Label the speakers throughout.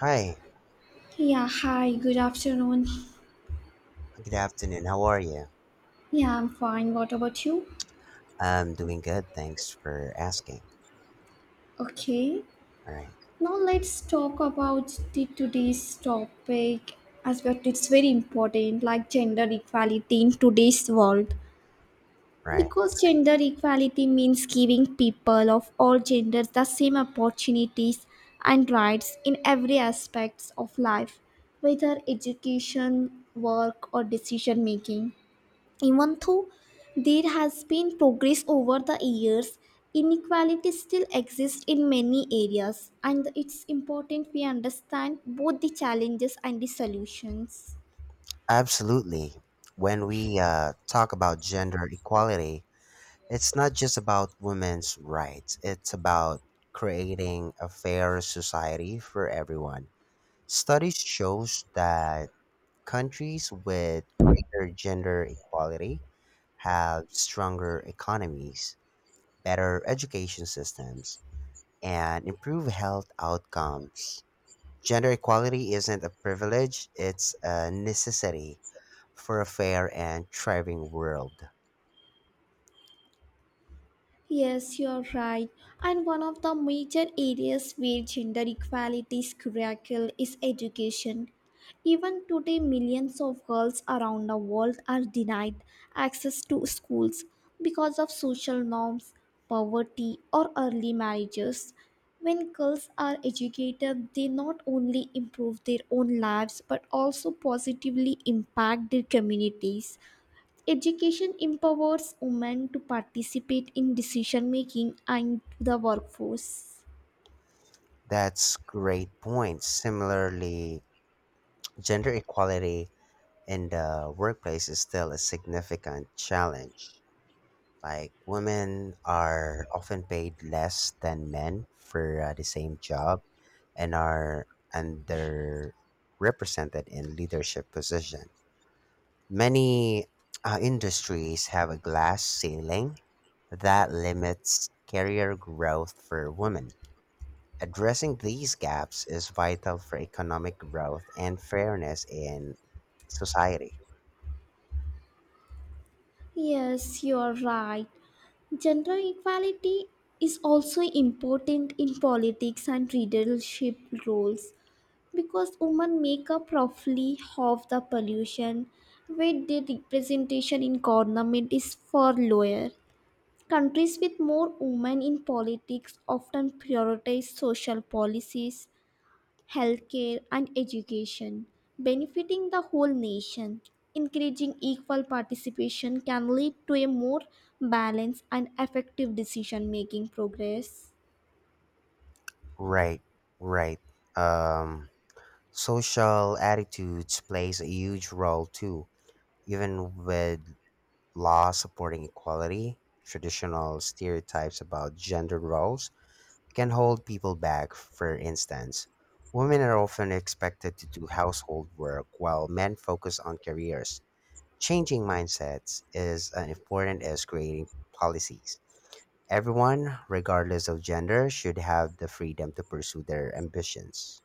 Speaker 1: Hi,
Speaker 2: Yeah, hi, good afternoon.
Speaker 1: good afternoon. How are you?
Speaker 2: Yeah, I'm fine. What about you?
Speaker 1: I'm doing good. Thanks for asking.
Speaker 2: Okay.
Speaker 1: All right,
Speaker 2: Now let's talk about the today's topic as well. It's very important, like gender equality in today's world.
Speaker 1: right.
Speaker 2: Because gender equality means giving people of all genders the same opportunities and rights in every aspects of life, whether education, work or decision making. Even though there has been progress over the years, inequality still exists in many areas, and it's important we understand both the challenges and the solutions.
Speaker 1: Absolutely. When we talk about gender equality, it's not just about women's rights, it's about creating a fair society for everyone. Studies shows that countries with greater gender equality have stronger economies, better education systems, and improve health outcomes. Gender equality isn't a privilege, it's a necessity for a fair and thriving world.
Speaker 2: Yes, you're right. And one of the major areas where gender equality is struggle is education. Even today, millions of girls around the world are denied access to schools because of social norms, poverty, or early marriages. When girls are educated, they not only improve their own lives but also positively impact their communities. Education empowers women to participate in decision making and the workforce.
Speaker 1: That's great point. Similarly, gender equality in the workplace is still a significant challenge. Like women are often paid less than men for the same job and are underrepresented in leadership positions. Many industries have a glass ceiling that limits career growth for women. Addressing these gaps is vital for economic growth and fairness in society.
Speaker 2: Yes, you are right. Gender equality is also important in politics and leadership roles because women make up roughly half the pollution, where their representation in government is far lower. Countries with more women in politics often prioritize social policies healthcare, and education, benefiting the whole nation. Encouraging equal participation can lead to a more balanced and effective decision making progress.
Speaker 1: Right, right. Um, Social attitudes plays a huge role too. Even with laws supporting equality, traditional stereotypes about gender roles can hold people back. For instance, women are often expected to do household work while men focus on careers. Changing mindsets is as important as creating policies. Everyone, regardless of gender, should have the freedom to pursue their ambitions.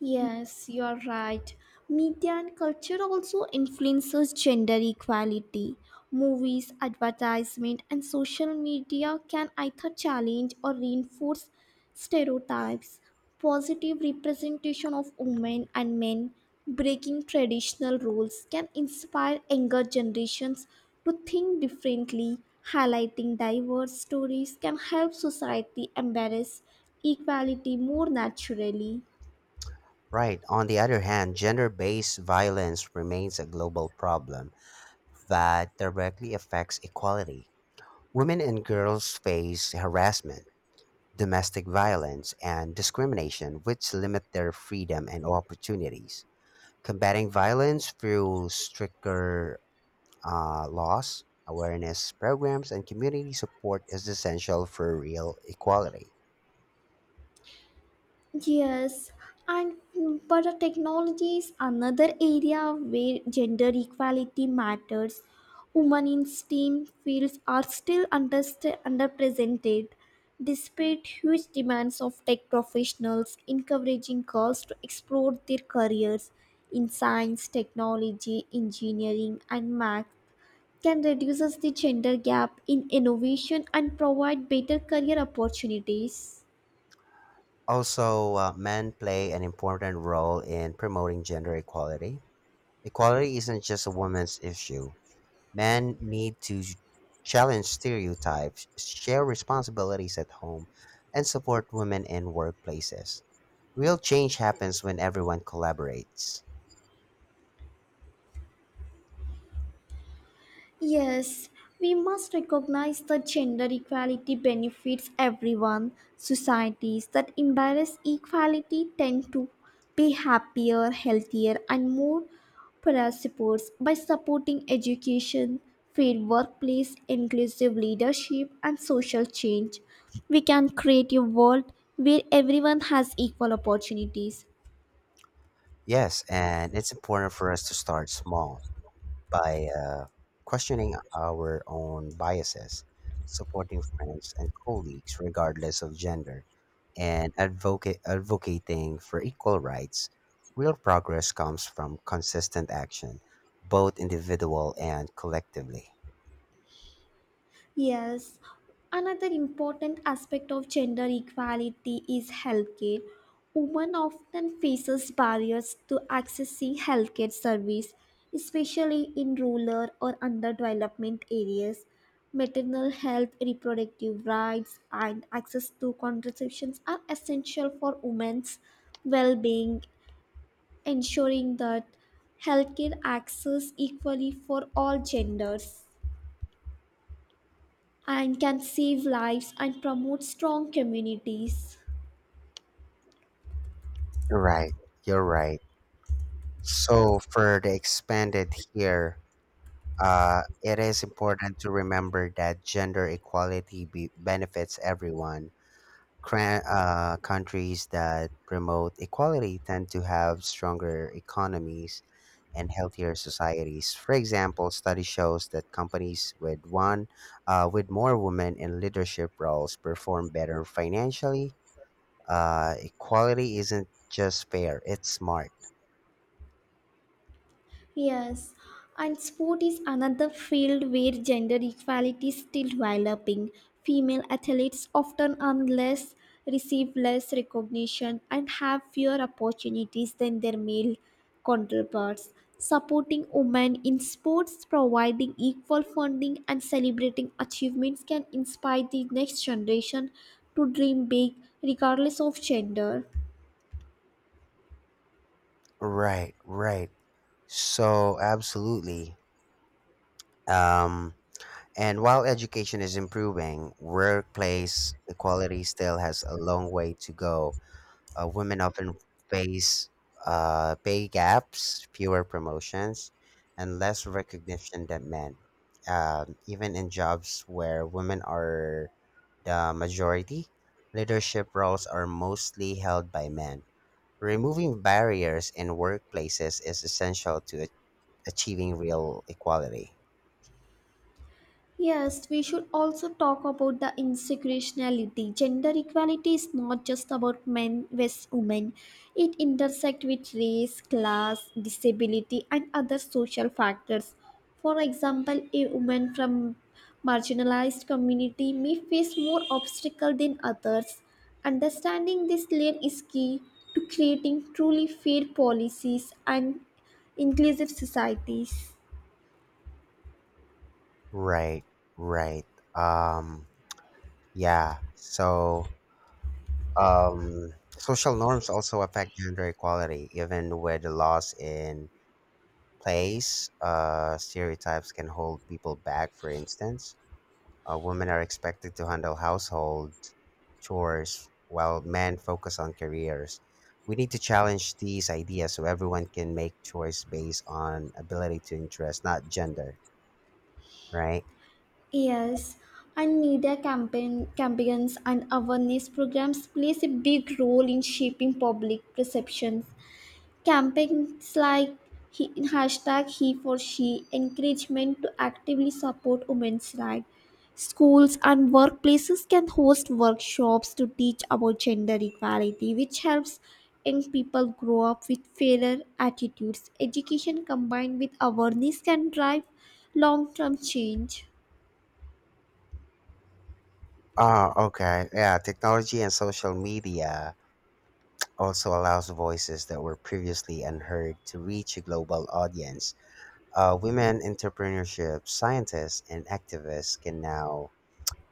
Speaker 2: Yes, you're right. Media and culture also influences gender equality. Movies, advertisement, and social media can either challenge or reinforce stereotypes. Positive representation of women and men, breaking traditional roles, can inspire younger generations to think differently. Highlighting diverse stories can help society embrace equality more naturally.
Speaker 1: Right. On the other hand, gender based violence remains a global problem that directly affects equality. Women and girls face harassment, domestic violence, and discrimination, which limit their freedom and opportunities. Combating violence through stricter laws, awareness programs, and community support is essential for real equality.
Speaker 2: Yes, and but the technology is another area where gender equality matters. Women in STEM fields are still underrepresented, despite huge demands of tech professionals encouraging girls to explore their careers in science, technology, engineering, and math. Can reduces the gender gap in innovation and provide better career opportunities.
Speaker 1: Also, men play an important role in promoting gender equality. Equality isn't just a woman's issue. Men need to challenge stereotypes, share responsibilities at home, and support women in workplaces. Real change happens when everyone collaborates.
Speaker 2: Yes, we must recognize that gender equality benefits everyone. Societies that embrace equality tend to be happier, healthier, and more prosperous by supporting education, fair workplace, inclusive leadership, and social change. We can create a world where everyone has equal opportunities.
Speaker 1: Yes, and it's important for us to start small, by questioning our own biases, supporting friends and colleagues regardless of gender, and advocating for equal rights. Real progress comes from consistent action, both individual and collectively.
Speaker 2: Yes, another important aspect of gender equality is healthcare. Women often faces barriers to accessing healthcare service, especially in rural or underdeveloped areas. Maternal health, reproductive rights, and access to contraceptions are essential for women's well-being, ensuring that healthcare access equally for all genders and can save lives and promote strong communities.
Speaker 1: You're right. You're right. So for the expanded here, it is important to remember that gender equality benefits everyone. Countries that promote equality tend to have stronger economies and healthier societies. For example, study shows that companies with one with more women in leadership roles perform better financially. Equality isn't just fair; it's smart.
Speaker 2: Yes, and sport is another field where gender equality is still developing. Female athletes often earn less, receive less recognition, and have fewer opportunities than their male counterparts. Supporting women in sports, providing equal funding, and celebrating achievements can inspire the next generation to dream big regardless of gender.
Speaker 1: Right, right. So absolutely. Um, and while education is improving, workplace equality still has a long way to go. Women often face pay gaps, fewer promotions, and less recognition than men. Even in jobs where women are the majority, leadership roles are mostly held by men. Removing barriers in workplaces is essential to achieving real equality.
Speaker 2: Yes, we should also talk about the intersectionality. Gender equality is not just about men versus women. It intersects with race, class, disability, and other social factors. For example, a woman from marginalized community may face more obstacles than others. Understanding this layer is key to creating truly fair policies and inclusive societies.
Speaker 1: Right, right. Um, yeah. So social norms also affect gender equality. Even with the laws in place, stereotypes can hold people back. For instance, women are expected to handle household chores while men focus on careers. We need to challenge these ideas so everyone can make choice based on ability to interest, not gender, right?
Speaker 2: Yes, and media campaigns and awareness programs plays a big role in shaping public perceptions. Campaigns like he, hashtag he for she encouragement to actively support women's rights. Schools and workplaces can host workshops to teach about gender equality, which helps young people grow up with fairer attitudes. Education combined with awareness can drive long-term change.
Speaker 1: Oh, okay. Yeah, technology and social media also allows voices that were previously unheard to reach a global audience. Women entrepreneurship, scientists, and activists can now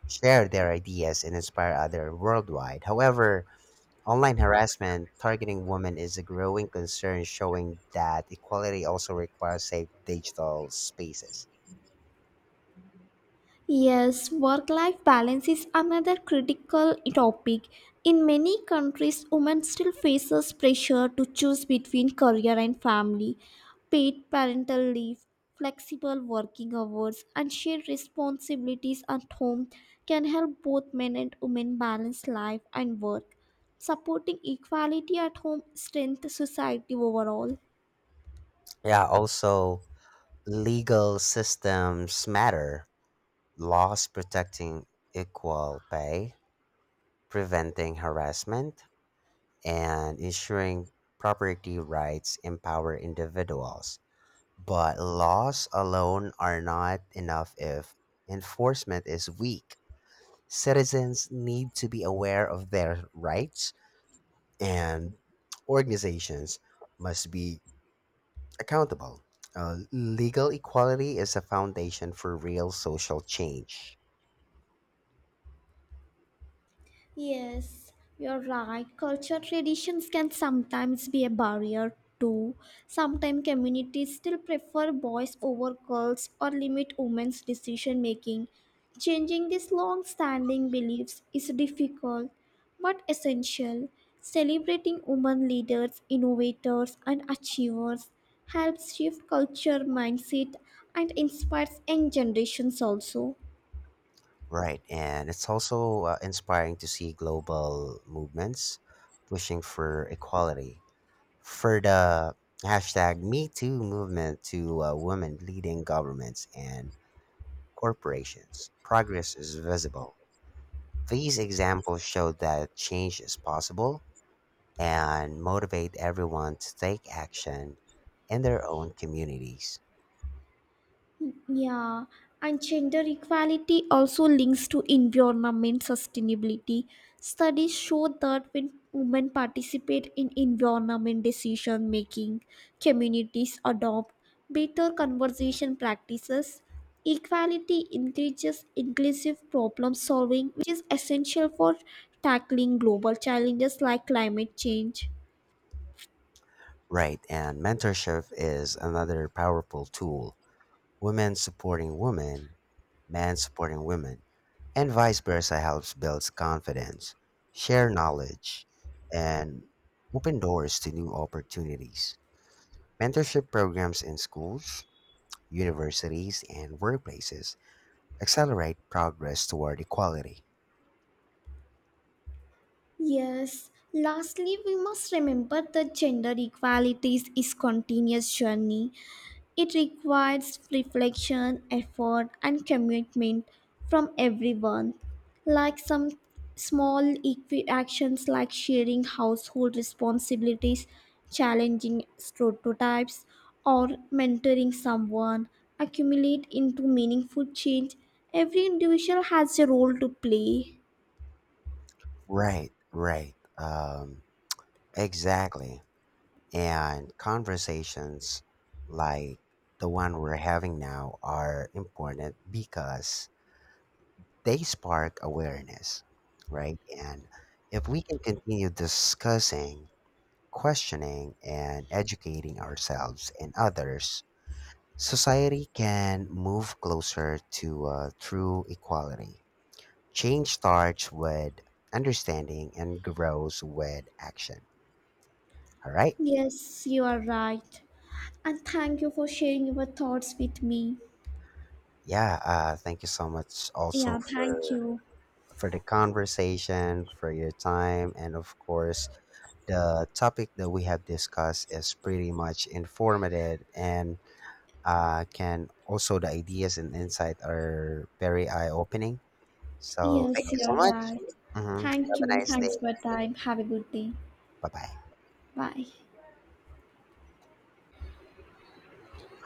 Speaker 1: share their ideas and inspire others worldwide. However, online harassment targeting women is a growing concern, showing that equality also requires safe digital spaces.
Speaker 2: Yes, work life balance is another critical topic. In many countries, women still faces pressure to choose between career and family, paid parental leave, flexible working hours, and shared responsibilities at home can help both men and women balance life and work. Supporting equality at home strengthens society overall.
Speaker 1: Yeah, also legal systems matter. Laws protecting equal pay, preventing harassment, and ensuring property rights empower individuals. But laws alone are not enough if enforcement is weak. Citizens need to be aware of their rights, and organizations must be accountable. Legal equality is a foundation for real social change.
Speaker 2: Yes, you're right. Culture traditions can sometimes be a barrier too. Sometimes communities still prefer boys over girls or limit women's decision making. Changing these long standing beliefs is difficult but essential. Celebrating women leaders, innovators, and achievers helps shift culture mindset and inspires young generations also.
Speaker 1: Right, and it's also inspiring to see global movements pushing for equality. For the hashtag Me Too movement to women leading governments and corporations, progress is visible. These examples show that change is possible and motivate everyone to take action in their own communities.
Speaker 2: Yeah, and gender equality also links to environment sustainability. Studies show that when women participate in environment decision making, communities adopt better conservation practices. Equality increases inclusive problem solving, which is essential for tackling global challenges like climate change.
Speaker 1: Right, and mentorship is another powerful tool. Women supporting women, men supporting women, and vice versa helps builds confidence, share knowledge, and open doors to new opportunities. Mentorship programs in schools, universities, and workplaces accelerate progress toward equality.
Speaker 2: Yes, lastly, we must remember that gender equality is a continuous journey. It requires reflection, effort, and commitment from everyone. Like some small actions like sharing household responsibilities, challenging stereotypes, or mentoring someone accumulate into meaningful change. Every individual has a role to play.
Speaker 1: Right, right. Exactly. And conversations like the one we're having now are important because they spark awareness, right? And if we can continue discussing, questioning, and educating ourselves and others, society can move closer to true equality. Change starts with understanding and grows with action. All right.
Speaker 2: Yes, you are right. And thank you for sharing your thoughts with me.
Speaker 1: Yeah. Thank you so much also
Speaker 2: Yeah,
Speaker 1: for
Speaker 2: thank you.
Speaker 1: for the conversation, for your time, and of course the topic that we have discussed is pretty much informative and can also the ideas and insight are very eye opening. So thank
Speaker 2: Yes,
Speaker 1: you so
Speaker 2: you're
Speaker 1: much.
Speaker 2: right.
Speaker 1: Hmm.
Speaker 2: Thank
Speaker 1: Have a
Speaker 2: you.
Speaker 1: nice
Speaker 2: Thanks
Speaker 1: day.
Speaker 2: for your time. Have a good day.
Speaker 1: Bye bye.
Speaker 2: Bye.